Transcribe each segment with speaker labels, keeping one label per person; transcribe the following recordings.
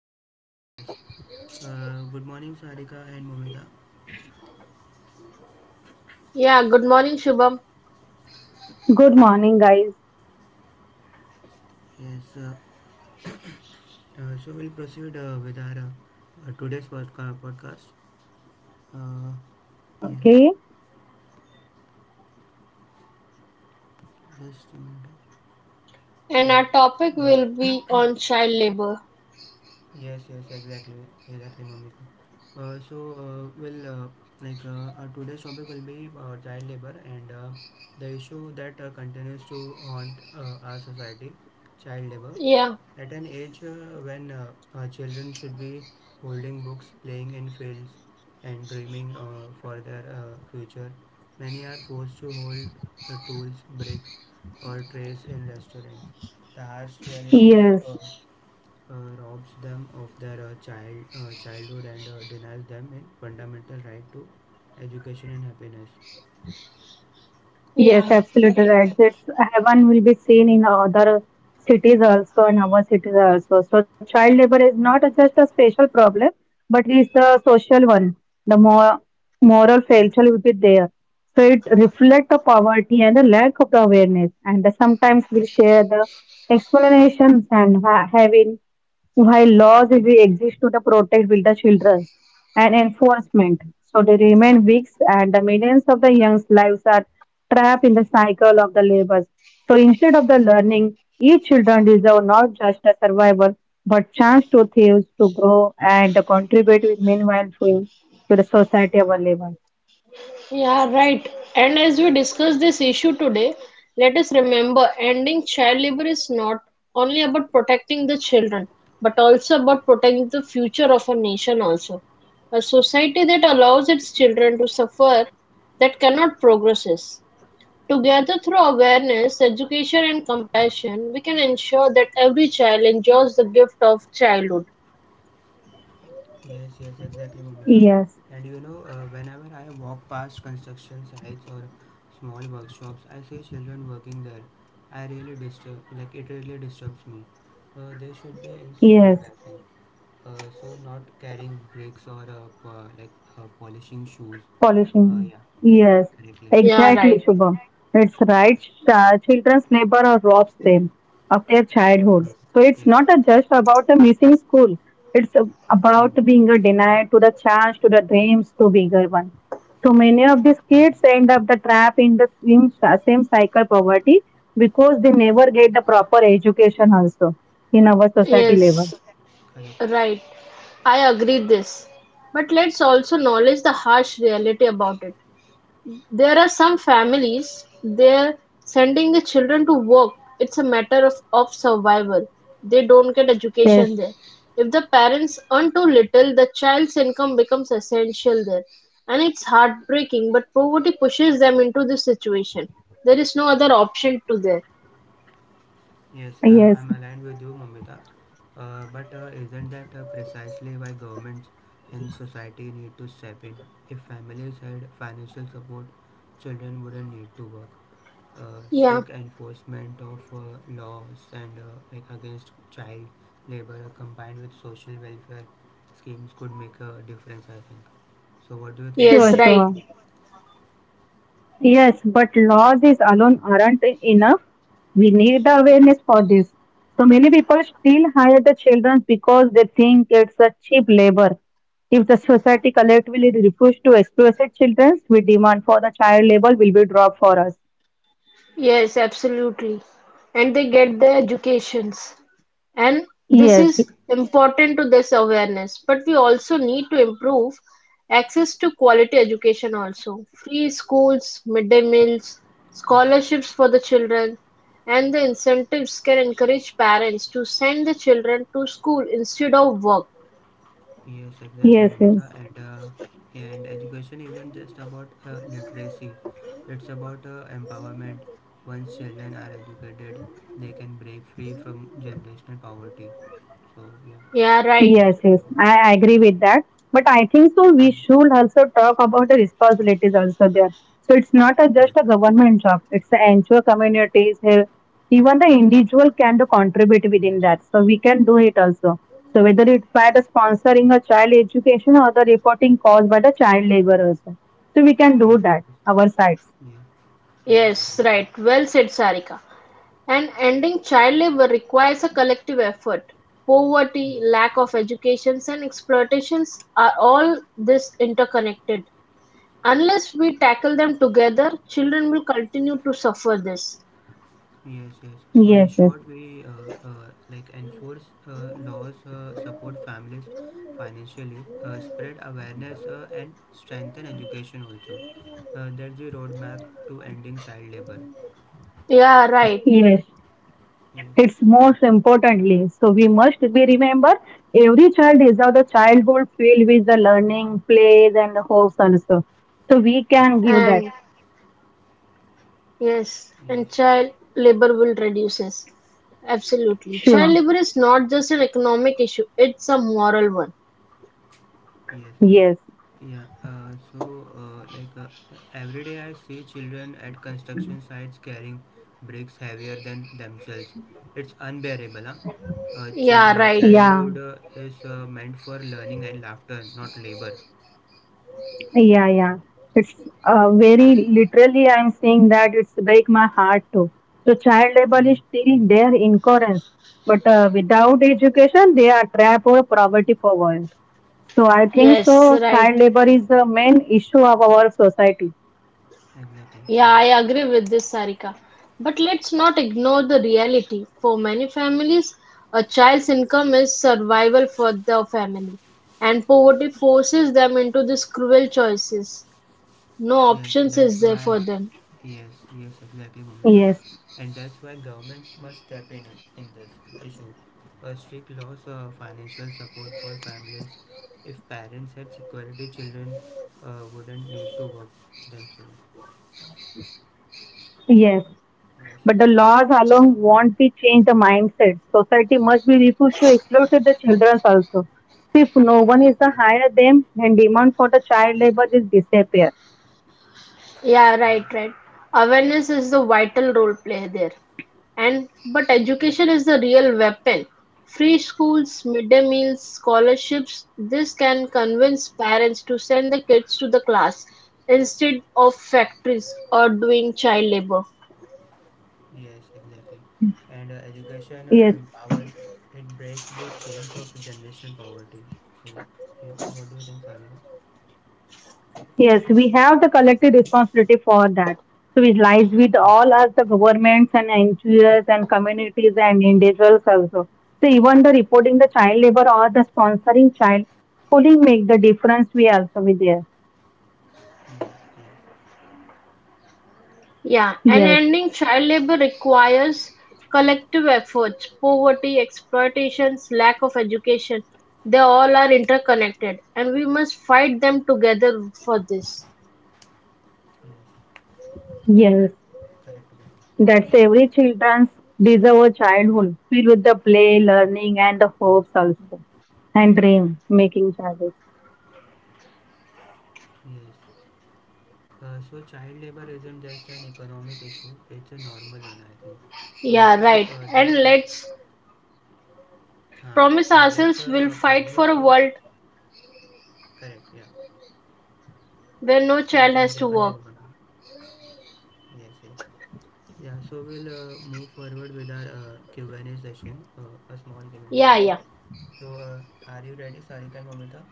Speaker 1: Okay, yes. Good morning, Sarika and Momita.
Speaker 2: Yeah, good morning, Shubham.
Speaker 3: Good morning, guys.
Speaker 1: Yes, uh, so we'll proceed with our today's podcast. Uh, yes,
Speaker 3: Okay.
Speaker 1: just a minute.
Speaker 2: And
Speaker 1: Yeah.
Speaker 2: our topic
Speaker 1: Uh,
Speaker 2: will be on child labor.
Speaker 1: Yes, yes, exactly, exactly, Momika. Our today's topic will be child labor and the issue that continues to haunt our society, child labor.
Speaker 2: Yeah,
Speaker 1: At an age when our children should be holding books, playing in fields, and dreaming for their future, many are forced to hold tools, bricks, or trays in restaurants. The harsh reality of
Speaker 3: Yes.
Speaker 1: robs them of their childhood and denies them in fundamental right to education and happiness.
Speaker 3: Yes,
Speaker 2: yeah,
Speaker 3: absolutely
Speaker 2: right.
Speaker 3: right. It's heaven will be seen in other cities also and our cities also. So child labor is not just a special problem, but it's a social one. The more moral failure will be there. So it reflects the poverty and the lack of the awareness. And sometimes we'll share the explanations and having while laws will be exist to the protect with the children and enforcement, so they remain weak and the millions of the young's lives are trapped in the cycle of the labors. So instead of the learning, each children deserve not just a survival, but chance to thrive, to grow and contribute with meaningful to the society of our labor.
Speaker 2: Yeah, right. And as we discuss this issue today, let us remember ending child labor is not only about protecting the children, but also about protecting the future of a nation also. A society that allows its children to suffer, that cannot progress. Together through awareness, education and compassion, we can ensure that every child enjoys the gift of childhood.
Speaker 1: Yes, yes, exactly, Mamita.
Speaker 3: Yes,
Speaker 1: And you know, whenever I walk past construction sites or small workshops, I see children working there. I really disturb, like it really disturbs me. They should be in school, I
Speaker 3: yes.
Speaker 1: think. So not carrying bricks or polishing shoes.
Speaker 3: Pollution.
Speaker 1: Yeah,
Speaker 3: Yes,
Speaker 1: correctly.
Speaker 2: Yeah,
Speaker 3: exactly,
Speaker 2: right.
Speaker 3: Shubham. It's right. Children's neighbor or robs them of their
Speaker 1: Mm.
Speaker 3: childhoods. So it's
Speaker 1: Yeah.
Speaker 3: not a just about a missing school. It's a-
Speaker 1: Mm.
Speaker 3: about being a denied to the chance, to the dreams, to bigger one. So many of these
Speaker 1: Yes.
Speaker 3: kids end up the trap in the same cycle poverty because they never get the proper education also in our society
Speaker 1: Yes.
Speaker 2: Yes,
Speaker 3: levels.
Speaker 1: Correct.
Speaker 2: right. I agree this. But let's also acknowledge the harsh reality about it. There are some families, they're sending the children to work. It's a matter of survival. They don't get
Speaker 3: Yes,
Speaker 2: education there. If the parents earn too little, the child's income becomes essential there. And it's heartbreaking, but poverty pushes them into this situation. There is no other option to there.
Speaker 1: Yes,
Speaker 3: yes,
Speaker 1: I'm aligned with you, Mamita. But isn't that precisely why governments and society need to step in? If families had financial support, children wouldn't need to work.
Speaker 2: Yeah.
Speaker 1: Strict enforcement of laws and like against child labor combined with social welfare schemes could make a difference, I think. So, what do you think,
Speaker 2: Yes,
Speaker 3: sure,
Speaker 1: Sarika?
Speaker 2: right.
Speaker 3: sure. Yes, but laws is alone aren't enough. We need the awareness for this. So many people still hire the children because they think it's a cheap labor. If the society collectively refuse to exploit its children, we demand for the child labor will be dropped for us.
Speaker 2: Yes, absolutely. And they get their educations. And this
Speaker 3: Yes,
Speaker 2: is important to this awareness, but we also need to improve access to quality education also, free schools, midday meals,
Speaker 1: Yes.
Speaker 2: scholarships for the children, and the incentives can encourage parents to send the children to school instead of work.
Speaker 1: Yes, exactly,
Speaker 3: yes,
Speaker 1: Mamita.
Speaker 3: yes.
Speaker 1: And education isn't just about literacy; it's about empowerment. Once children are educated, they can break free from generational poverty. So yeah,
Speaker 2: Yeah, right.
Speaker 3: Yes,
Speaker 1: that's it.
Speaker 3: yes, I agree with that. But I think so we
Speaker 1: Mm.
Speaker 3: should also talk about the responsibilities also there. So it's not a, just
Speaker 1: Yes,
Speaker 3: a government job, it's the NGO communities here. Even the individual can do contribute within that. So we can do it also. So whether it's by the sponsoring a child education or the reporting caused by the child labor also. So we can
Speaker 1: yes,
Speaker 3: do that,
Speaker 1: yes,
Speaker 3: our sides.
Speaker 1: yeah, yes,
Speaker 2: Yes,
Speaker 1: exactly.
Speaker 2: right, well said, Sarika. And ending child labor requires a collective effort. Poverty,
Speaker 1: Yes.
Speaker 2: lack of educations and exploitations are all this interconnected. Unless we tackle them together, children will continue to suffer this.
Speaker 1: Yes, yes. So in
Speaker 3: Yes, yes.
Speaker 1: short, we enforce laws, support families financially, spread awareness, and strengthen education also. That's the roadmap to ending child labor.
Speaker 2: Yeah, right.
Speaker 3: Yes.
Speaker 1: Yes,
Speaker 3: It's most importantly, so we must be remember every child is deserves a childhood filled with the learning, plays, and hopes also. So we can
Speaker 1: yes,
Speaker 3: give that.
Speaker 2: And yes,
Speaker 1: yes,
Speaker 2: and child labor will reduces. Absolutely. Child
Speaker 3: Sure.
Speaker 2: labor is not just an economic issue, it's a moral one.
Speaker 1: yes, yes.
Speaker 3: Yes.
Speaker 1: Yeah, every day I see children at construction sites carrying bricks heavier than themselves. It's unbearable, huh? Uh, chil
Speaker 2: Yeah,
Speaker 1: uh,
Speaker 2: right.
Speaker 3: Yeah.
Speaker 1: childhood uh, is uh, meant for learning and laughter, not labor.
Speaker 3: Yeah. Yeah. It's very literally. I'm saying that it's break my heart too. So child labor
Speaker 1: Mm,
Speaker 3: is still
Speaker 1: yes,
Speaker 3: their in but without education, they are trapped or poverty power. So I think
Speaker 1: yes,
Speaker 2: Yes,
Speaker 3: so.
Speaker 2: right.
Speaker 3: Child labor is the main issue of our society.
Speaker 1: exactly.
Speaker 2: Yeah, I
Speaker 1: Yeah.
Speaker 2: agree with this, Sarika. But let's not ignore the reality. For many families, a child's income is survival for the family, and poverty forces them into these cruel choices. No
Speaker 1: Yes,
Speaker 2: options
Speaker 1: that's
Speaker 2: is there
Speaker 1: why.
Speaker 2: for them.
Speaker 1: Yes, yes, exactly, Bhumika.
Speaker 3: Yes.
Speaker 1: And that's why governments must step in this issue. A strict laws of financial support for families. If parents had security, children wouldn't need to work themselves.
Speaker 3: Yes,
Speaker 1: Yes,
Speaker 3: but the laws alone won't be change the mindset. Society must be refused to exploit the children also. If no one is to
Speaker 1: yes,
Speaker 3: hire them, then demand for the child labor is disappear.
Speaker 2: Yeah,
Speaker 1: yes,
Speaker 2: right, right. Awareness is the vital role play there. And but
Speaker 1: yes,
Speaker 2: education is the real weapon. Free schools, midday meals, scholarships, this can convince parents to send the kids to the class instead of factories or doing child labor.
Speaker 1: yes, exactly. And education
Speaker 3: Yes,
Speaker 1: empowers. It breaks the chains of generational poverty. So, you- what do you think, Sarika?
Speaker 3: yes, we have the collective responsibility for that. So it lies with
Speaker 1: Yes,
Speaker 3: all us, the governments and NGOs and communities and individuals also. So even the reporting the child labor or the sponsoring child schooling make the difference. We also be there.
Speaker 1: mm, yes,
Speaker 2: Yeah, and
Speaker 3: Yes,
Speaker 2: ending child labor requires collective efforts. Poverty, exploitations, lack of education, they all are interconnected, and we must fight them together for this.
Speaker 1: yes.
Speaker 3: yes.
Speaker 1: Correct. Correct.
Speaker 3: That's every children's deserve childhood filled with the play, learning, and the hopes also, and dream making childhood.
Speaker 1: Yes. So child labor isn't just an economic issue; it's a normal one, I think.
Speaker 2: Yeah,
Speaker 1: So
Speaker 2: right. And
Speaker 1: then let's,
Speaker 2: let's promise
Speaker 1: huh, let's
Speaker 2: ourselves we'll fight
Speaker 1: Promise.
Speaker 2: for a world
Speaker 1: Correct. Yeah.
Speaker 2: where no
Speaker 1: Yeah.
Speaker 2: child has
Speaker 1: Continue.
Speaker 2: to work.
Speaker 1: Continue. Continue. Yes. Yes. Yeah. So we'll move forward with our Q and A session. A small Q and A
Speaker 2: Yeah,
Speaker 1: session.
Speaker 2: yeah.
Speaker 1: So are you ready, Sarika and Mamita?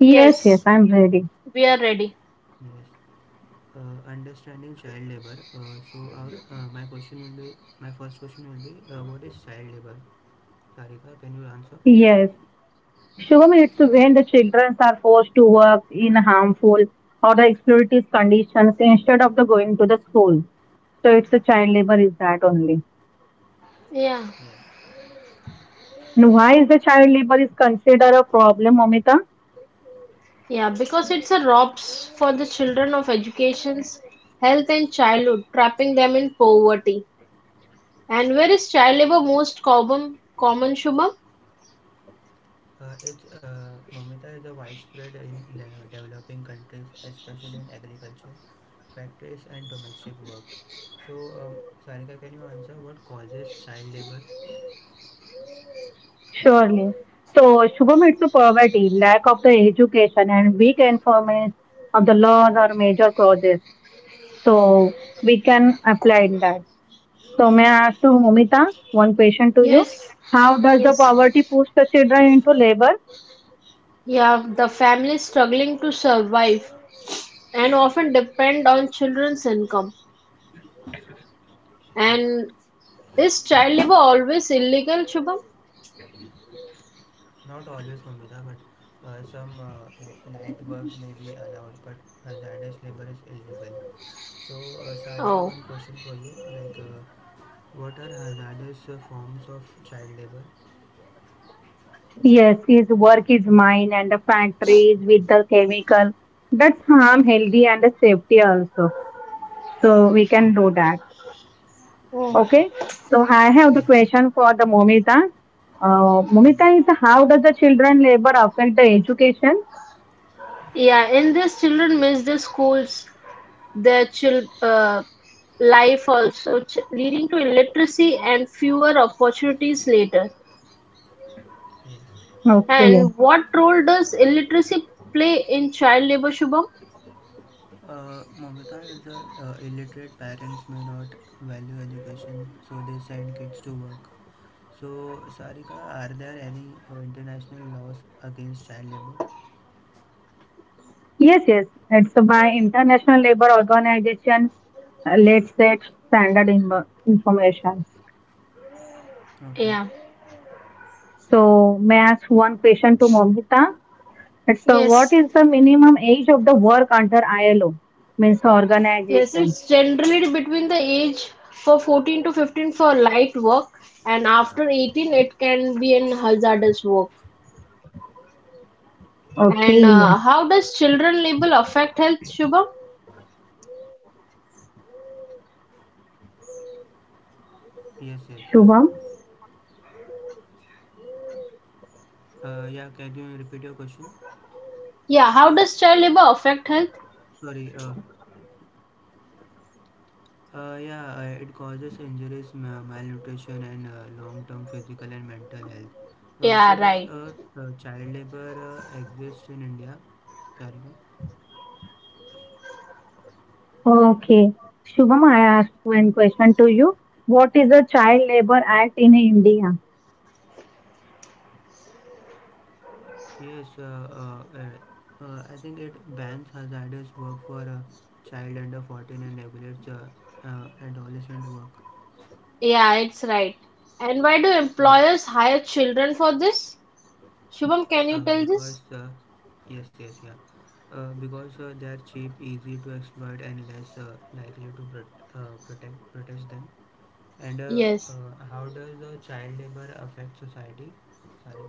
Speaker 3: Yes, yes,
Speaker 2: Yes,
Speaker 3: I'm ready.
Speaker 2: we are ready.
Speaker 1: Yes. Understanding child labor. So our, my question will be, My first question will be, what is child labor? Sarika, can you answer?
Speaker 3: Yes. Shubham, it's when the children are forced to work in harmful or the exploitative conditions instead of the going to the school. So it's the child labor is that only.
Speaker 2: Yeah,
Speaker 1: Yes,
Speaker 3: And why is the child labor is considered a problem, Amita?
Speaker 2: yeah, because it's a robs for the children of educations, health, and childhood, trapping them in poverty. And where is child labor most common, Shubham?
Speaker 1: it's Momita is a widespread in developing countries, especially in agriculture, factories, and domestic work. So, Sarika, can you answer what causes child labor?
Speaker 3: Surely. So, Shubham, it's a poverty, lack of the education, and weak enforcement of the laws are major causes. So, we can apply in that. So, may I ask to Mumita one question to you?
Speaker 2: Yes,
Speaker 3: How does the
Speaker 2: yes.
Speaker 3: poverty push the children into labor?
Speaker 2: Yeah, the families struggling to survive and often depend on children's income. And is child labor always illegal, Shubham?
Speaker 1: Not always, Momita, but some light work may be allowed, but hazardous labor is illegal. So, Sarika,
Speaker 2: Oh,
Speaker 1: one question for you: what are hazardous forms of child labor?
Speaker 3: Yes, his work is mine and the factories with the chemical. That's harm healthy and the safety also. So, we
Speaker 1: Yes.
Speaker 3: can do that.
Speaker 2: oh.
Speaker 3: Okay, so I have the
Speaker 1: Mm,
Speaker 3: question for the Momita. Momita
Speaker 1: mm,
Speaker 3: is how does the children labor affect the education?
Speaker 2: Yeah, in this children miss their schools, their child life also, leading to illiteracy and fewer opportunities later.
Speaker 1: yes.
Speaker 3: Okay.
Speaker 2: And what role does illiteracy play in child labor, Shubham?
Speaker 1: Momita, the illiterate parents may not value education, so they send kids to work. So, Sarika, are there any international laws against child labor?
Speaker 3: Yes, yes. It's by International Labor Organization's let's set standard in information.
Speaker 1: Okay.
Speaker 2: Yeah.
Speaker 3: So may I ask one question to Momita? It's what is the
Speaker 2: Yes.
Speaker 3: minimum age of the work under ILO? Means
Speaker 2: Yes,
Speaker 3: organization.
Speaker 2: it's generally between the age for 14 to 15 for light work, and after 18 it can be in hazardous work. And
Speaker 3: Okay.
Speaker 2: how does children labor affect health, Shubham?
Speaker 1: Yes, yes, yeah.
Speaker 3: Shubham.
Speaker 1: Yeah, can you repeat your question?
Speaker 2: Yeah, how does child labor affect health?
Speaker 1: Sorry. Yeah, it causes injuries, malnutrition, and long-term physical and mental health. Uh, so,
Speaker 2: Yeah,
Speaker 1: does
Speaker 2: right.
Speaker 1: uh, uh, child labor exist in India, Sarika?
Speaker 3: Okay. Shubham, I ask one question to you. What is the child labor act in India?
Speaker 1: Yes, I think it bans hazardous work for a child under 14 and regulates adolescent work.
Speaker 2: Yeah, it's right. And why do
Speaker 1: Mm.
Speaker 2: employers hire children for this? Shubham, can you tell this?
Speaker 1: Because, yes, yes, yeah. Because they are cheap, easy to exploit, and less likely to prot- protect protest them. And uh,
Speaker 2: Yes.
Speaker 1: uh, how does child labor affect society? Sorry.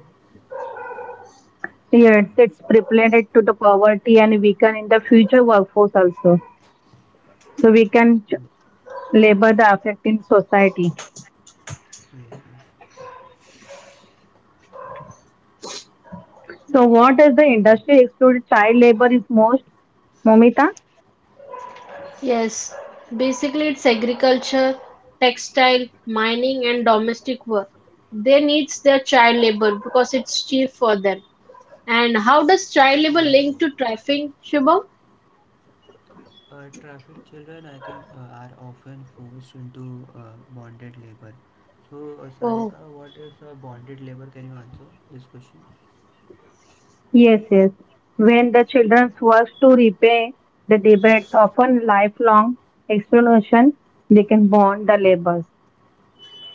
Speaker 3: Yes, it's related to the poverty and weaken in the future workforce also. So we can
Speaker 1: Yes,
Speaker 3: labor the effect in society.
Speaker 1: yes, yes.
Speaker 3: So what is the
Speaker 1: So,
Speaker 3: industry excluded child labor is most? Momita?
Speaker 2: Yes, basically it's agriculture, textile, mining, and domestic work. They needs their child labor because it's cheap for them. And how does child labor
Speaker 1: mm,
Speaker 2: link to trafficking, Shubham?
Speaker 1: Traffic children, I think, are often forced into bonded labor. So, Sarika,
Speaker 2: Oh,
Speaker 1: what is bonded labor? Can you answer this question?
Speaker 3: Yes, yes. When the children's work to repay the debts, often lifelong exploitation. They can bond the labors.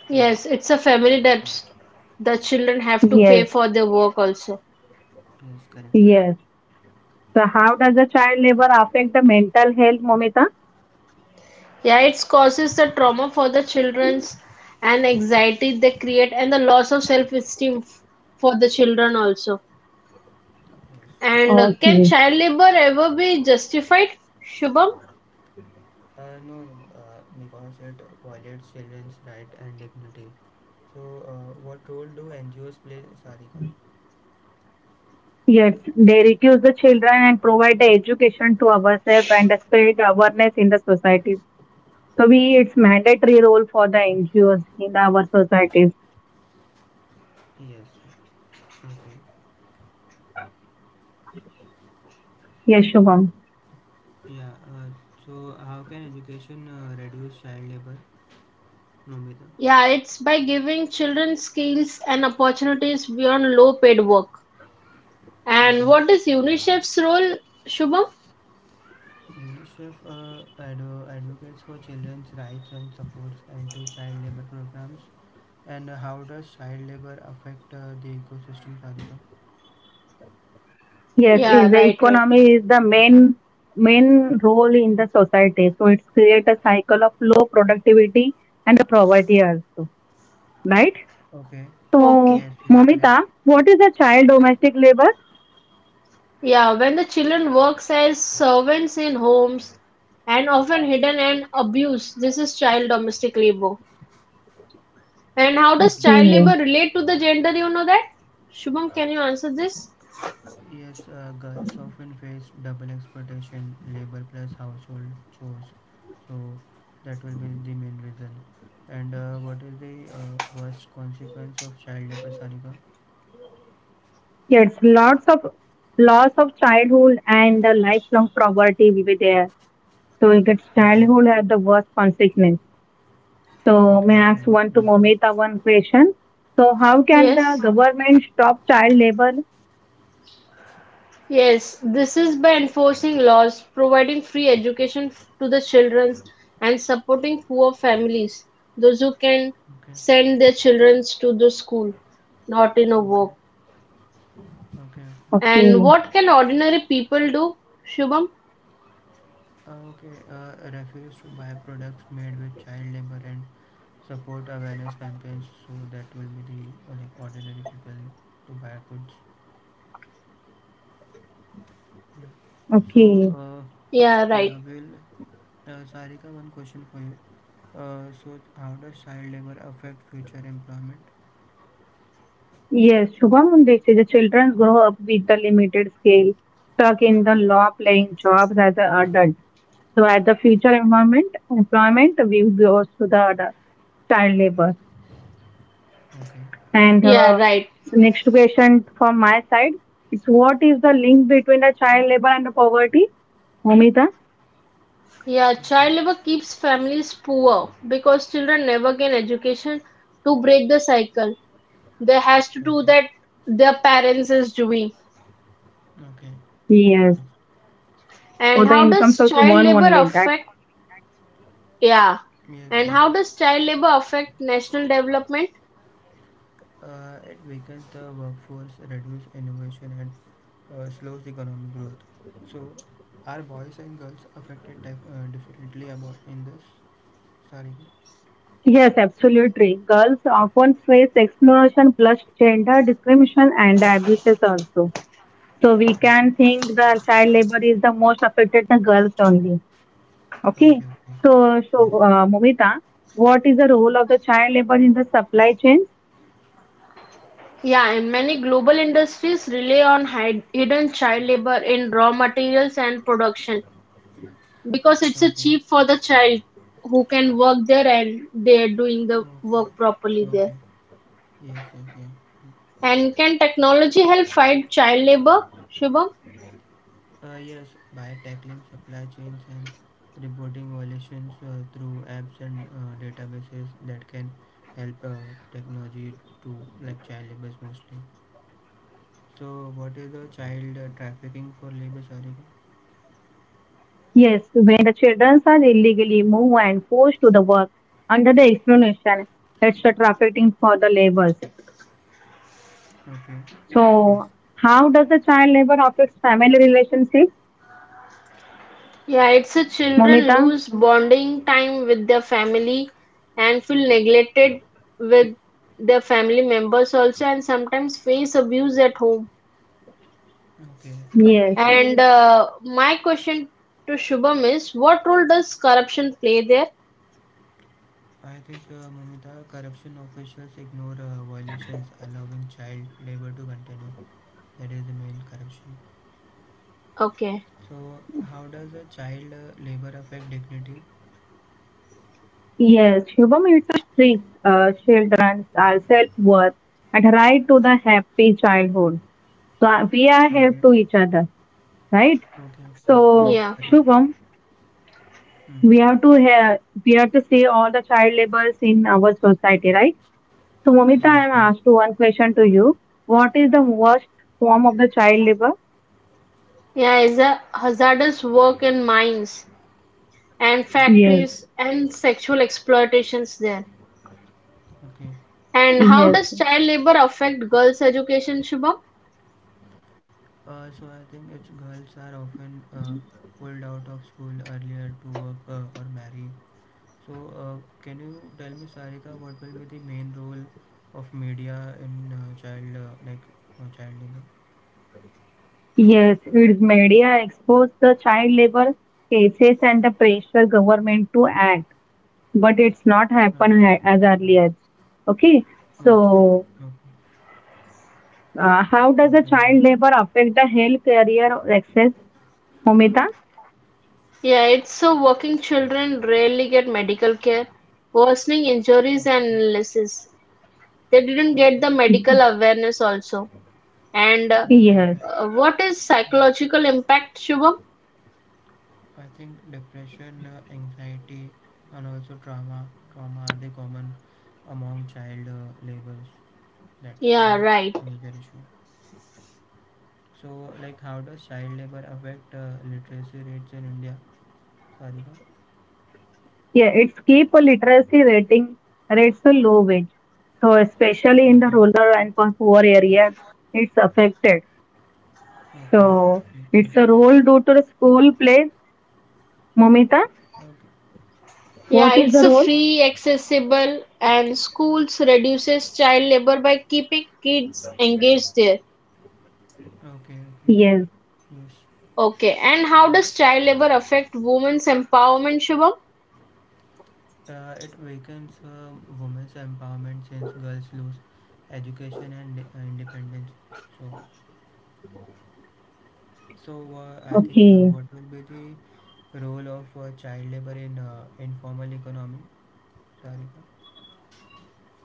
Speaker 1: Yes,
Speaker 2: yes, it's a family
Speaker 1: well,
Speaker 2: debt. The children have to
Speaker 1: yes,
Speaker 2: pay
Speaker 3: Yes,
Speaker 2: for their work also.
Speaker 1: yes, correct.
Speaker 3: yes. So how does the child labor affect the mental health, Momita?
Speaker 2: Yeah, it causes the trauma for the children's and anxiety they create and the loss of for the children also.
Speaker 1: Yes.
Speaker 2: And can
Speaker 3: Okay.
Speaker 2: child labor ever be justified, Shubham?
Speaker 1: No, no, because it violates children's right and dignity. So, what role do NGOs play, Sarika?
Speaker 3: Yes, they reduce the children and provide the education to ourselves and spread awareness in the society. So we, it's mandatory role for the NGOs in our societies.
Speaker 1: Yes. Okay.
Speaker 3: Yes, Shubham.
Speaker 1: Yeah. So, how can education reduce child labor, Nomita?
Speaker 2: Yeah, it's by giving children skills and opportunities beyond low paid work. And
Speaker 1: Okay.
Speaker 2: what is UNICEF's role, Shubham?
Speaker 1: UNICEF advocates for children's rights and supports anti-child labor programs. And how does child labor affect the ecosystem, Radhika?
Speaker 3: Yes,
Speaker 2: Yeah,
Speaker 3: is the
Speaker 2: right, right.
Speaker 3: economy is the main role in the society. So it's create a cycle of low productivity and the poverty also, right?
Speaker 1: Okay. Yes,
Speaker 3: So,
Speaker 2: Okay.
Speaker 1: yes, correct.
Speaker 3: Momita, what is the child
Speaker 2: Hmm.
Speaker 3: domestic labor?
Speaker 2: Yeah, when the children works as servants in homes and often hidden and abused, this is child domestic labor. And how does
Speaker 1: Okay.
Speaker 2: child
Speaker 3: Okay.
Speaker 2: labor relate to the gender? You know that? Shubham, can you answer this?
Speaker 1: Yes, girls often face double exploitation, labor plus household chores. So that will be the main reason. And what is the worst consequence of child labor, Sarika?
Speaker 3: Yes, lots of loss of childhood and the lifelong poverty will be there. So if it's
Speaker 1: Okay,
Speaker 3: childhood have the worst consequence. So
Speaker 1: okay,
Speaker 3: may I
Speaker 1: okay.
Speaker 3: ask one
Speaker 1: Yeah,
Speaker 3: to Momita one question? So how can the
Speaker 2: Yes.
Speaker 3: government stop child labor?
Speaker 2: Yes, this is by enforcing laws, providing free to the children, and supporting poor families, those who can
Speaker 1: okay,
Speaker 2: send their children to the school, not in a
Speaker 1: okay,
Speaker 2: work.
Speaker 1: okay.
Speaker 2: And
Speaker 3: Okay,
Speaker 2: what can ordinary people do, Shubham?
Speaker 1: Okay, refuse to buy products made with child labor and support awareness campaigns so that will be the ordinary people to buy goods. Yeah. So,
Speaker 3: okay.
Speaker 2: Yeah,
Speaker 1: yeah,
Speaker 2: right.
Speaker 1: will Sarika, one question for you. So, how does child labor affect future employment?
Speaker 3: Yes, Shubham, they say the children grow up with the limited scale, stuck in the law playing jobs as an adult. So at the future environment, employment, we goes to the other child labor.
Speaker 1: Okay,
Speaker 3: And
Speaker 2: Yeah,
Speaker 3: uh,
Speaker 2: right.
Speaker 3: so next question from my side is what is the link between the child labor and the poverty? Momita?
Speaker 2: Yeah,
Speaker 1: okay,
Speaker 2: child labor keeps families poor because children never get education to break the cycle. They has to do
Speaker 1: okay,
Speaker 2: that their parents is doing.
Speaker 1: okay.
Speaker 3: Yes.
Speaker 1: Yes,
Speaker 3: Or
Speaker 2: And
Speaker 3: the
Speaker 2: how
Speaker 3: income
Speaker 2: does
Speaker 3: source
Speaker 2: child
Speaker 3: one
Speaker 2: labor
Speaker 3: only. That's
Speaker 2: affect. Yeah.
Speaker 1: yes.
Speaker 2: And
Speaker 1: Yes.
Speaker 2: how does child labor affect national development?
Speaker 1: It weakens the workforce, reduce innovation, and slows the economic growth. So, are boys and girls affected differently about in this? Sorry.
Speaker 3: yes, absolutely. Girls often face exploration plus gender discrimination and abuses also. So we
Speaker 1: Mhm.
Speaker 3: can think the child labor is the most affected the girls only. Okay.
Speaker 1: Okay. Okay.
Speaker 3: So,
Speaker 1: Yes.
Speaker 3: Momita, what is the role of the child labor in the supply chain?
Speaker 2: Yeah, and many global industries rely on hidden child labor in raw materials and production because it's a cheap
Speaker 1: Okay.
Speaker 2: for the child who can work there and they're doing the work properly
Speaker 1: Okay.
Speaker 2: there.
Speaker 1: Okay. Yes. Yes. Yeah.
Speaker 2: And can technology help fight child labor, Shubham?
Speaker 1: Yes. By tackling supply chains and reporting violations through apps and databases that can help technology to like child labor mostly. So, what is the child trafficking for labor? Sorry.
Speaker 3: Yes, when the children are illegally moved and forced to the work under the explanation, it's the trafficking for the labors.
Speaker 1: Okay. Yes.
Speaker 3: So, how does the child labor affect family relationship,
Speaker 2: Yeah, it's a children
Speaker 3: Momita?
Speaker 2: lose bonding time with their family and feel neglected with their family members also and sometimes face abuse at home.
Speaker 1: Okay.
Speaker 3: Yes, it's
Speaker 2: And
Speaker 3: the many ways the
Speaker 2: my
Speaker 3: family
Speaker 2: question
Speaker 3: relation.
Speaker 2: to Shubham is what role does corruption play there?
Speaker 1: I think,
Speaker 3: Yes,
Speaker 1: Mumita, corruption officials ignore violations, allowing child labor to continue. That is the main corruption.
Speaker 2: Okay.
Speaker 1: So, how does a child labor affect dignity?
Speaker 3: yes, Shubham, it's a strict children's are self-worth and right to the happy childhood. So we are help
Speaker 1: Okay.
Speaker 3: to each other, right?
Speaker 1: Okay. Okay. Yes.
Speaker 3: So
Speaker 2: Yeah.
Speaker 1: Correct.
Speaker 3: Shubham,
Speaker 1: Mm.
Speaker 3: we have to hear, we have to see all the child labors in our society, right? So, Momita,
Speaker 1: Yes.
Speaker 3: I am asked
Speaker 1: Yes.
Speaker 3: to one question to you. What is the worst form of the child labor?
Speaker 2: Yeah, it's a hazardous work in mines and
Speaker 1: Mm.
Speaker 3: Yes,
Speaker 2: factories and sexual exploitations there.
Speaker 1: Okay.
Speaker 2: And how
Speaker 3: yes,
Speaker 2: does child labor affect girls' education, Shubham?
Speaker 1: So I think it's girls are often pulled out of school earlier to work or marry. So, can you tell me, Sarika, what will be the main role of media in child labor?
Speaker 3: yes. Its media exposed the child labor cases and the pressure government to act, but it's not
Speaker 1: Okay,
Speaker 3: happened as early as. Okay,
Speaker 1: not
Speaker 3: so
Speaker 1: sure.
Speaker 3: how does
Speaker 1: Okay,
Speaker 3: the
Speaker 1: okay,
Speaker 3: child labor affect the health career access, Momita?
Speaker 2: Yeah, it's so working children rarely get medical care, worsening injuries
Speaker 1: okay,
Speaker 2: and
Speaker 1: okay,
Speaker 2: illnesses. They didn't
Speaker 1: okay,
Speaker 2: get the medical awareness also. And
Speaker 1: okay,
Speaker 3: Yes.
Speaker 1: okay.
Speaker 2: what is
Speaker 1: Yeah.
Speaker 2: psychological impact, Shubham?
Speaker 1: I think depression, anxiety, and also trauma are the common among child labors. That's the
Speaker 2: Yeah, right.
Speaker 1: major issue. So, like, how does child labor affect literacy rates in India, Sarika?
Speaker 3: Yeah, it's keep a literacy rating rates to low wage. So especially in the
Speaker 1: Okay,
Speaker 3: rural and for poor area, it's affected.
Speaker 1: okay.
Speaker 3: So
Speaker 1: Okay, yes.
Speaker 3: it's a role due to the school play. Momita,
Speaker 2: Yeah,
Speaker 3: what is the
Speaker 2: it's a
Speaker 3: role?
Speaker 2: free, accessible, and schools reduces child labor by keeping kids engaged there.
Speaker 1: Okay, okay.
Speaker 3: Yes.
Speaker 1: Yes.
Speaker 2: Okay, and how
Speaker 1: Mm.
Speaker 2: does child labor affect women's empowerment, Shubham?
Speaker 1: It weakens women's empowerment since girls lose education and independence. So, so, I think
Speaker 3: Okay.
Speaker 1: what will be the role of child labor in informal economy, Sarika?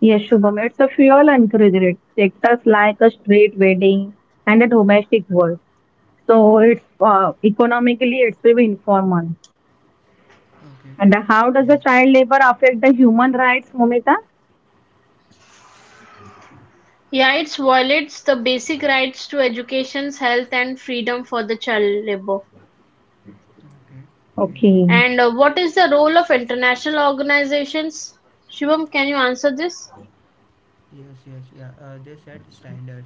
Speaker 3: Yes, Shubham. It's a fuel encouraged sectors like a street wedding and a domestic work. So it's economically it's very informal.
Speaker 1: Okay.
Speaker 3: And how does
Speaker 1: Yes.
Speaker 3: the child labor affect the human rights, Momita?
Speaker 2: Yeah, Yates violates the basic rights to education, health and freedom for the child labor.
Speaker 1: Okay. Yes.
Speaker 3: Okay.
Speaker 2: And what is the role of international organizations? Shivam, can you answer this?
Speaker 1: Yes. Yes. Yeah. They set standards,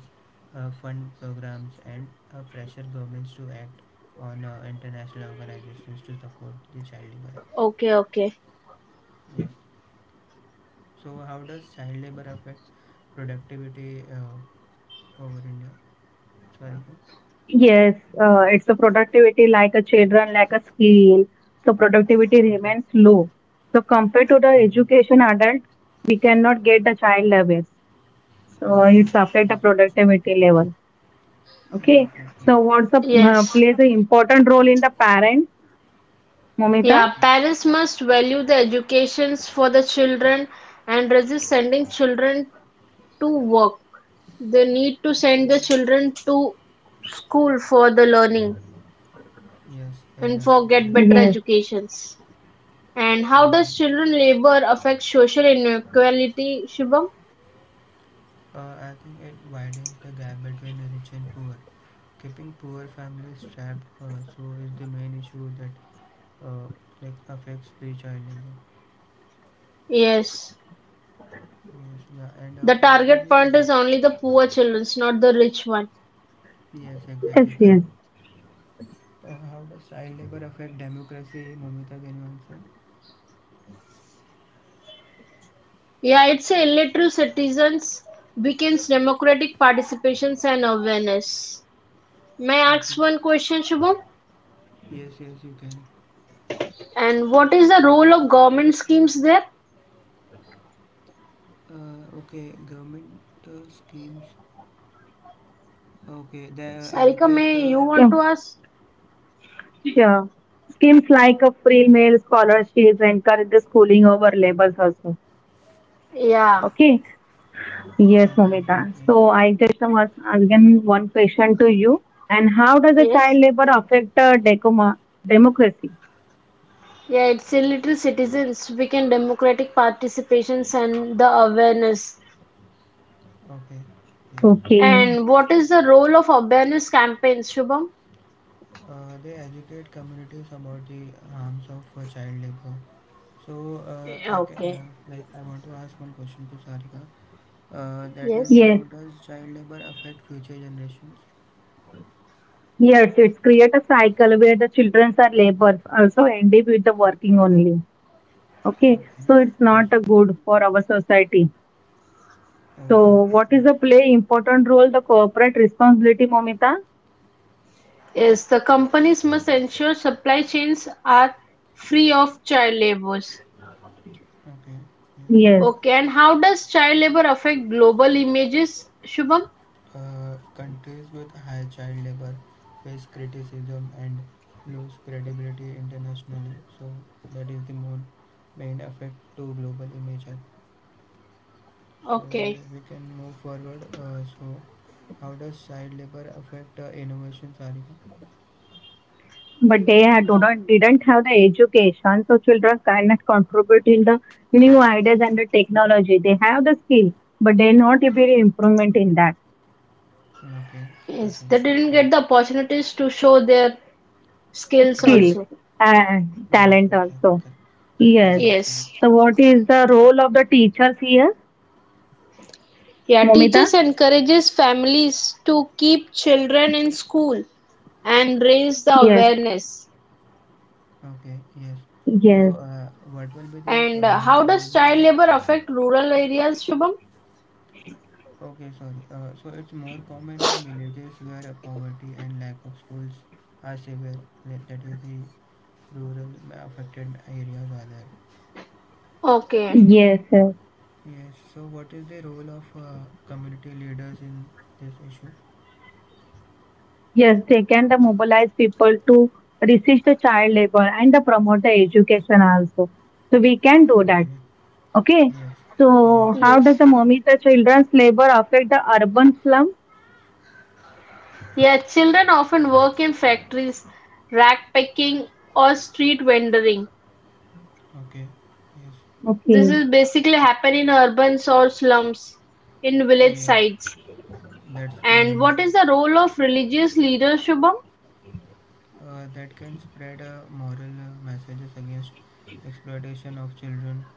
Speaker 1: fund programs, and pressure governments to act on international organizations to support the child labor.
Speaker 2: Okay, okay.
Speaker 1: Yes. So how does child labor affect productivity over India? Sorry. Go-
Speaker 3: Yes, it's a productivity like a children like a skill. So productivity
Speaker 1: Okay.
Speaker 3: remains low. So compared to the
Speaker 1: Okay.
Speaker 3: education adult, we cannot get the child levels. So
Speaker 1: Okay.
Speaker 3: it's affect the
Speaker 1: Yes.
Speaker 3: productivity level.
Speaker 1: Okay.
Speaker 3: Okay. So
Speaker 1: Okay.
Speaker 3: what's the
Speaker 2: Yes.
Speaker 3: plays an important role in the parents, Momita?
Speaker 2: Yeah,
Speaker 1: Okay.
Speaker 2: parents must value the educations for the children and resist sending children to work. They need to send the children to school for the learning
Speaker 1: Yes.
Speaker 2: and
Speaker 1: Exactly.
Speaker 2: for get
Speaker 1: Correct.
Speaker 2: better
Speaker 3: Yes,
Speaker 2: educations. And how does
Speaker 1: Okay.
Speaker 2: children labor affect social inequality, Shubham?
Speaker 1: I think it widens the gap between rich and poor. Keeping poor families trapped, so is the main issue that uh, affects the child labor.
Speaker 2: Yes.
Speaker 1: Yes. Yeah. And
Speaker 2: The
Speaker 1: also
Speaker 2: target
Speaker 1: the
Speaker 2: point
Speaker 1: what?
Speaker 2: is only the poor children, not the rich one.
Speaker 1: Yes.
Speaker 3: yes,
Speaker 1: Exactly.
Speaker 3: yes.
Speaker 1: Correct. How does child labor affect democracy, Momita? Can you answer?
Speaker 2: Yeah, it's a illiterate citizens weakens democratic participations and awareness. May I ask one
Speaker 1: Okay.
Speaker 2: question, Shubham?
Speaker 1: Yes, yes, you can.
Speaker 2: And what is the role of government schemes there?
Speaker 1: Okay, government schemes. Okay, they
Speaker 2: Sarika,
Speaker 1: educate.
Speaker 2: may you want
Speaker 3: Scheme,
Speaker 2: to ask?
Speaker 3: sure. Schemes like a free meal scholarships encourage the schooling over labels also.
Speaker 2: Yeah.
Speaker 3: Okay. Yes,
Speaker 1: Okay,
Speaker 3: Momita.
Speaker 1: okay, yes,
Speaker 3: So I just was asking one question to you. And how does the
Speaker 2: Yes.
Speaker 3: child labor affect decoma democracy?
Speaker 2: Yeah, it's illiterate citizens weaken democratic participations and the awareness.
Speaker 1: okay, yes.
Speaker 3: Okay.
Speaker 2: And what is the role of awareness campaigns, Shubham?
Speaker 1: They educate communities about the harms of child labor. So, I can,
Speaker 2: Okay.
Speaker 1: like I want to ask one question to Sarika. That is,
Speaker 2: Yes.
Speaker 1: how
Speaker 3: Yes.
Speaker 1: does child labor affect future generations?
Speaker 3: Yes, it's create a cycle where the children's are labors also end up with the working only. Okay.
Speaker 1: Okay,
Speaker 3: So it's
Speaker 1: yes,
Speaker 3: not a good for our society.
Speaker 1: okay,
Speaker 3: So
Speaker 1: okay,
Speaker 3: what is
Speaker 1: yes,
Speaker 3: the play important role the corporate responsibility, Momita?
Speaker 2: Yes, the companies must ensure supply chains are free of child labors.
Speaker 1: okay, yes.
Speaker 3: Yes.
Speaker 2: Okay, and how does child labor affect global images, Shubham?
Speaker 1: Countries with high child labor face criticism and lose credibility internationally. So that is the main main effect to global image. Health. So
Speaker 2: Okay.
Speaker 1: we can move forward. So how does child labor affect innovation, Sarika?
Speaker 3: But they had do not didn't have the education, so children cannot contribute in the new ideas and the technology. They have the skill, but they not really improvement in that
Speaker 1: Okay,
Speaker 2: Yes,
Speaker 1: okay,
Speaker 2: they didn't
Speaker 1: yes,
Speaker 2: get the opportunities to show their skills
Speaker 1: yes,
Speaker 3: skill
Speaker 2: also.
Speaker 3: and
Speaker 1: yes,
Speaker 3: talent
Speaker 1: okay,
Speaker 3: also.
Speaker 1: correct.
Speaker 3: Yes,
Speaker 1: Yes,
Speaker 2: Yes.
Speaker 1: correct.
Speaker 3: so what is the role of the teachers here,
Speaker 2: Yeah,
Speaker 3: Momita?
Speaker 2: teachers encourages families to keep children in school and raise the
Speaker 3: yes
Speaker 2: awareness.
Speaker 1: Okay, yes.
Speaker 3: yes
Speaker 1: So what will be the
Speaker 2: And
Speaker 1: main
Speaker 2: how
Speaker 1: goal
Speaker 2: does child labor affect rural areas, Shubham?
Speaker 1: okay, sorry. So it's more common in villages where poverty and lack of schools are severe. That is the rural affected areas are there.
Speaker 2: Okay,
Speaker 3: yes yes
Speaker 1: Yes. So what is the role of community leaders in this issue?
Speaker 3: Yes, they can the mobilize people to resist the child labor and the promote the education also. So we can do that.
Speaker 1: Okay.
Speaker 3: Okay,
Speaker 1: Yes. Yes.
Speaker 3: so
Speaker 1: Yes.
Speaker 3: how
Speaker 2: yes.
Speaker 3: does the Momita children's labor affect the urban slum?
Speaker 2: Yeah, children often work in factories, rack picking, or street vendoring.
Speaker 1: Okay. Yes.
Speaker 2: This
Speaker 3: Okay,
Speaker 2: is basically happen in urban or slums, in village
Speaker 1: Yes.
Speaker 2: sites.
Speaker 1: That's the
Speaker 2: And
Speaker 1: main
Speaker 2: what
Speaker 1: issue.
Speaker 2: is the role of religious leaders, Shubham?
Speaker 1: That can spread moral messages against exploitation of children.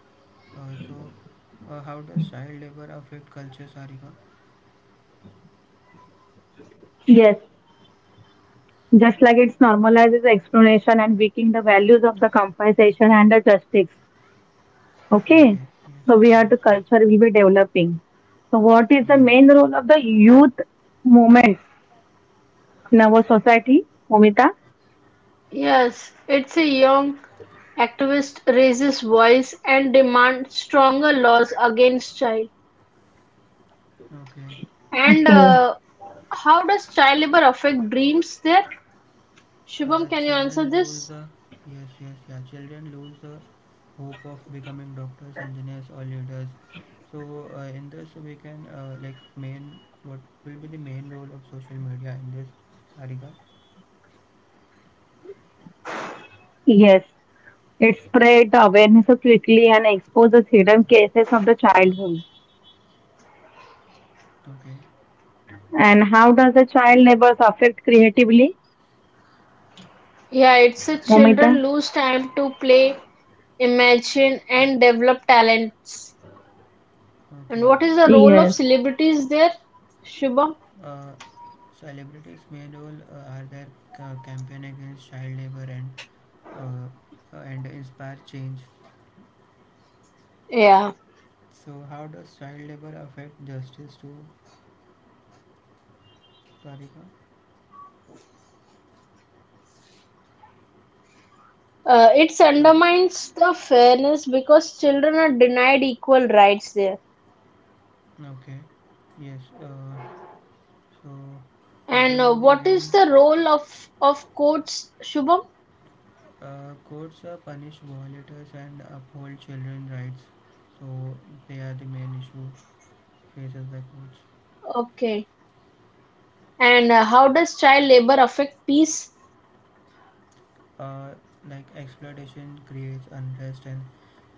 Speaker 1: So, how does child labor affect culture, Sarika?
Speaker 3: yes, just like it normalizes exploration and weakening the values of the compensation and the justice. Okay,
Speaker 1: Okay, yes,
Speaker 3: so we have to
Speaker 1: yes,
Speaker 3: culture will be developing. So what is the
Speaker 1: yes,
Speaker 3: main role of the youth movement in our society, Momita?
Speaker 2: Yes, it's a young activist raises voice and demand stronger laws against child.
Speaker 1: yes. Okay.
Speaker 2: And
Speaker 3: Okay.
Speaker 2: how does child labor affect dreams there? Shubham, can you answer
Speaker 1: Children lose
Speaker 2: this?
Speaker 1: the Yes, yes, yeah. Children lose the hope of becoming doctors, engineers, or leaders. So in this, we can like main what will be the main role of social media in this, Sarika? Okay,
Speaker 2: Yeah, it's a children lose time to play, imagine, and develop talents. And
Speaker 1: okay.
Speaker 2: what is the role
Speaker 1: Means,
Speaker 2: of celebrities there, Shubham?
Speaker 1: Uh, celebrities' main role are their campaign against child labor uh, and inspire change.
Speaker 2: Yeah,
Speaker 1: So how does child labor affect justice too, Karika,
Speaker 2: it
Speaker 1: that
Speaker 2: undermines the fairness because children are denied equal rights there.
Speaker 1: okay, yes. So, what will
Speaker 2: And
Speaker 1: be the
Speaker 2: what is
Speaker 1: main
Speaker 2: the role of courts, Shubham?
Speaker 1: courts punish violators and uphold children rights? So they are the main issue faces by courts.
Speaker 2: Okay. And how does child labor affect peace?
Speaker 1: Uh, like exploitation creates unrest and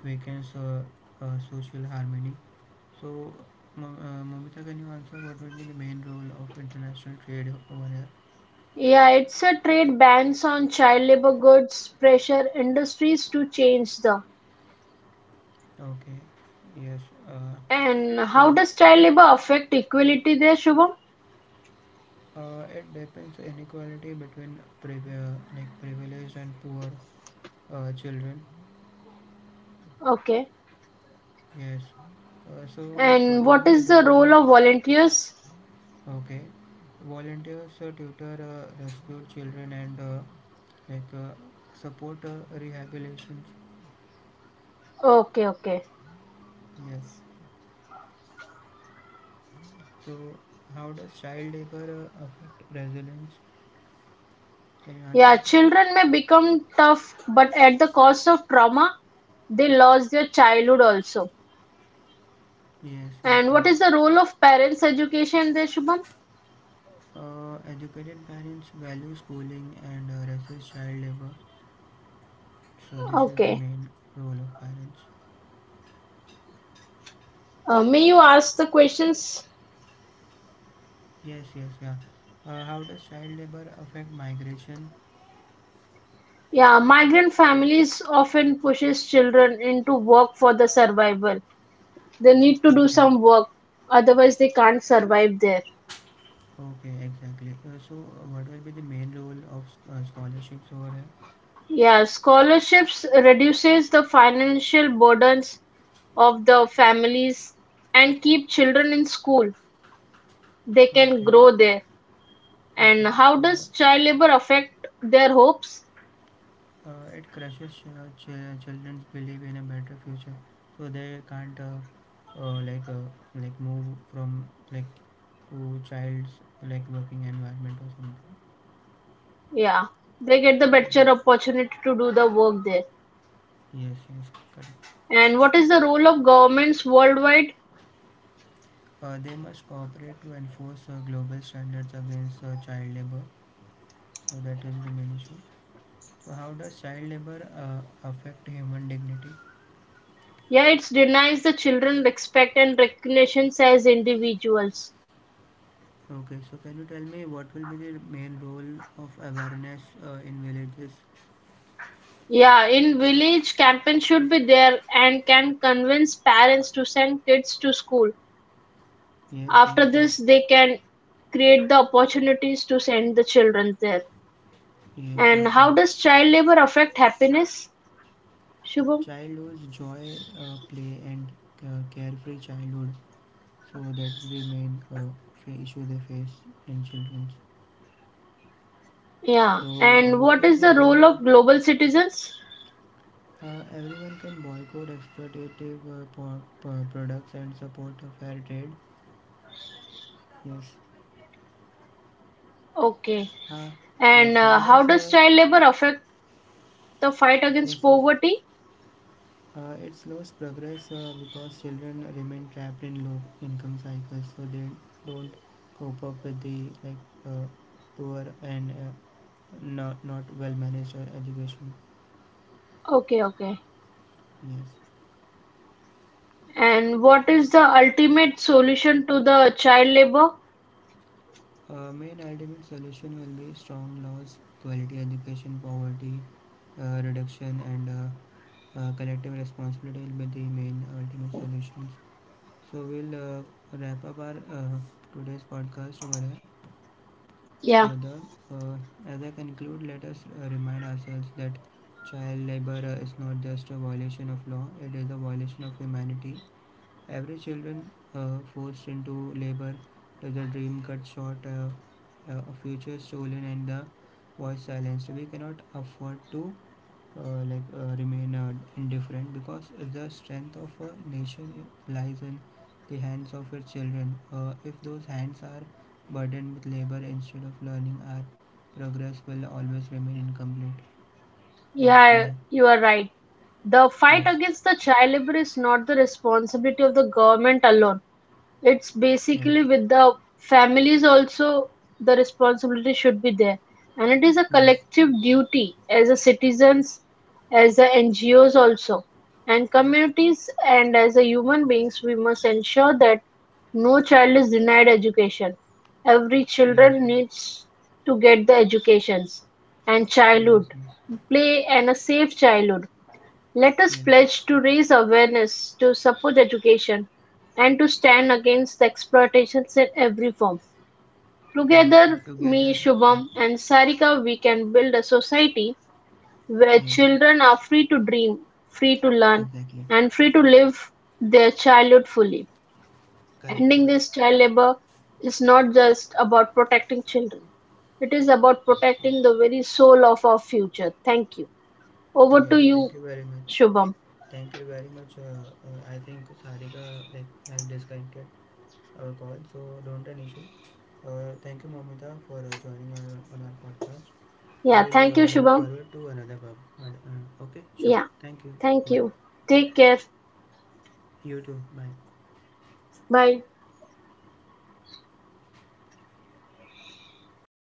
Speaker 1: weakens social harmony. So, Momita, can you answer what will be the main role of international trade over here?
Speaker 2: Yeah, it's a trade bans on child labor goods, pressure industries to change the.
Speaker 1: Okay, yes. Uh,
Speaker 2: And
Speaker 1: so
Speaker 2: how does child labor affect equality there, Shubham?
Speaker 1: It depends inequality between like privileged and poor children.
Speaker 2: Okay.
Speaker 1: Yes. So like
Speaker 2: And
Speaker 1: what will
Speaker 2: what
Speaker 1: be
Speaker 2: is
Speaker 1: the
Speaker 2: the
Speaker 1: role
Speaker 2: role
Speaker 1: of
Speaker 2: of volunteers?
Speaker 1: okay volunteers tutor rescued children and like uh, support rehabilitations.
Speaker 2: Okay, okay.
Speaker 1: Yes. So how does child labor affect resilience? Can you answer,
Speaker 2: Yeah,
Speaker 1: sir?
Speaker 2: children may become tough, but at the cost of trauma, they lost their childhood also.
Speaker 1: Yes. Yes.
Speaker 2: And
Speaker 1: Yeah.
Speaker 2: what is the role of parents' education there, Shubham?
Speaker 1: Educated parents value schooling and resist child labor. So this is the
Speaker 2: Okay.
Speaker 1: main role of parents.
Speaker 2: May you ask the questions?
Speaker 1: Yes, yes, yeah. How does child labor affect migration?
Speaker 2: Yeah, migrant families often pushes children into work for the survival. They need to do
Speaker 1: Okay,
Speaker 2: some work, otherwise they can't survive there.
Speaker 1: okay, exactly. What will be the main role of scholarships over here?
Speaker 2: Yeah, scholarships reduces the financial burdens of the families and keep children in school. They can
Speaker 1: Okay,
Speaker 2: grow there. And
Speaker 1: okay.
Speaker 2: how
Speaker 1: So
Speaker 2: does child labor affect their hopes?
Speaker 1: it crushes children's belief in a better future. So they can't uh, like uh, like move from like to child's like working environment or something.
Speaker 2: Yeah, they get the better
Speaker 1: Yes,
Speaker 2: opportunity to do the work there.
Speaker 1: yes, yes. Correct.
Speaker 2: And what is the role of governments worldwide?
Speaker 1: They must cooperate to enforce global standards against child labor. So that is the main issue. So how does child labor affect human dignity?
Speaker 2: Yeah, it denies the children respect and recognition as individuals.
Speaker 1: Okay, so can you tell me what will be the main role of awareness in villages?
Speaker 2: Yeah, in village, campaign should be there and can convince parents to send kids to school.
Speaker 1: Yes, yes,
Speaker 2: After
Speaker 1: yes,
Speaker 2: this, they can create the opportunities to send the children there.
Speaker 1: yes, yes,
Speaker 2: And
Speaker 1: yeah.
Speaker 2: how does child labor affect happiness, Shubham?
Speaker 1: Childhood's joy, play, and carefree childhood. So that's the main issue they face in children.
Speaker 2: Yeah,
Speaker 1: So
Speaker 2: and
Speaker 1: what
Speaker 2: what
Speaker 1: is
Speaker 2: is
Speaker 1: the
Speaker 2: the
Speaker 1: role
Speaker 2: role
Speaker 1: of
Speaker 2: of global citizens?
Speaker 1: Everyone can boycott exploitative products and support a fair trade. Yes.
Speaker 2: Okay,
Speaker 1: Huh?
Speaker 2: and
Speaker 1: Yes. How
Speaker 2: how
Speaker 1: does
Speaker 2: does child labor affect the fight
Speaker 1: yes?
Speaker 2: against
Speaker 1: Yes.
Speaker 2: poverty?
Speaker 1: It slows progress because children remain trapped in low income cycles, so they don't cope up with the like uh, poor and not well managed education.
Speaker 2: Okay, okay.
Speaker 1: Yes.
Speaker 2: And what is the ultimate solution to the child labor?
Speaker 1: Main ultimate solution will be strong laws, quality education, poverty reduction, and collective responsibility will be the main ultimate solutions. So we'll wrap up our today's podcast over here.
Speaker 2: Yeah,
Speaker 1: Whether uh, as I conclude, let us remind ourselves that child labor is not just a violation of law; it is a violation of humanity. Every children forced into labor, with a dream cut short, a future stolen, and the voice silenced. We cannot afford to remain indifferent because the strength of a nation lies in the hands of its children. If those hands are burdened with labor instead of learning, our progress will always remain incomplete. That's
Speaker 2: yeah,
Speaker 1: yeah.
Speaker 2: you are right. The fight
Speaker 1: Yes.
Speaker 2: against the child labor is not the responsibility of the government alone. It's
Speaker 1: Yes.
Speaker 2: basically with the families also, the responsibility should be there. And it is a
Speaker 1: Yes.
Speaker 2: collective duty as a citizens, as a NGOs also, and communities and as a human beings, we must ensure that no child is denied education. Every
Speaker 1: Yes.
Speaker 2: children
Speaker 1: Yes.
Speaker 2: needs to get the educations and childhood,
Speaker 1: Yes.
Speaker 2: play and a safe childhood. Let us
Speaker 1: Yes. Yes.
Speaker 2: pledge to raise awareness, to support education, and to stand against the exploitations in every form.
Speaker 1: Yes. And
Speaker 2: Together, me,
Speaker 1: together. Yeah.
Speaker 2: Shubham, and Sarika, we can build a society where
Speaker 1: Yes.
Speaker 2: children are free to dream, free to learn,
Speaker 1: Exactly.
Speaker 2: and free to live their childhood fully.
Speaker 1: Correct,
Speaker 2: Ending
Speaker 1: ma'am.
Speaker 2: this child labor is not just about protecting children, it is about
Speaker 1: Yes.
Speaker 2: protecting
Speaker 1: Yes.
Speaker 2: the very soul of our future. Thank you. Over
Speaker 1: Yes.
Speaker 2: to
Speaker 1: Thank
Speaker 2: you,
Speaker 1: you very much.
Speaker 2: Shubham.
Speaker 1: Thank you very much. I think Sarika like has disconnected. Uh, call, so don't an issue. Thank you, Momita, for joining our, on our podcast. So
Speaker 2: Yeah,
Speaker 1: we'll
Speaker 2: thank you,
Speaker 1: move
Speaker 2: Shubham.
Speaker 1: forward to another pub. And, okay,
Speaker 2: Yeah.
Speaker 1: sure. Thank you.
Speaker 2: Thank
Speaker 1: Bye.
Speaker 2: you. Take care.
Speaker 1: You too. Bye.
Speaker 2: Bye.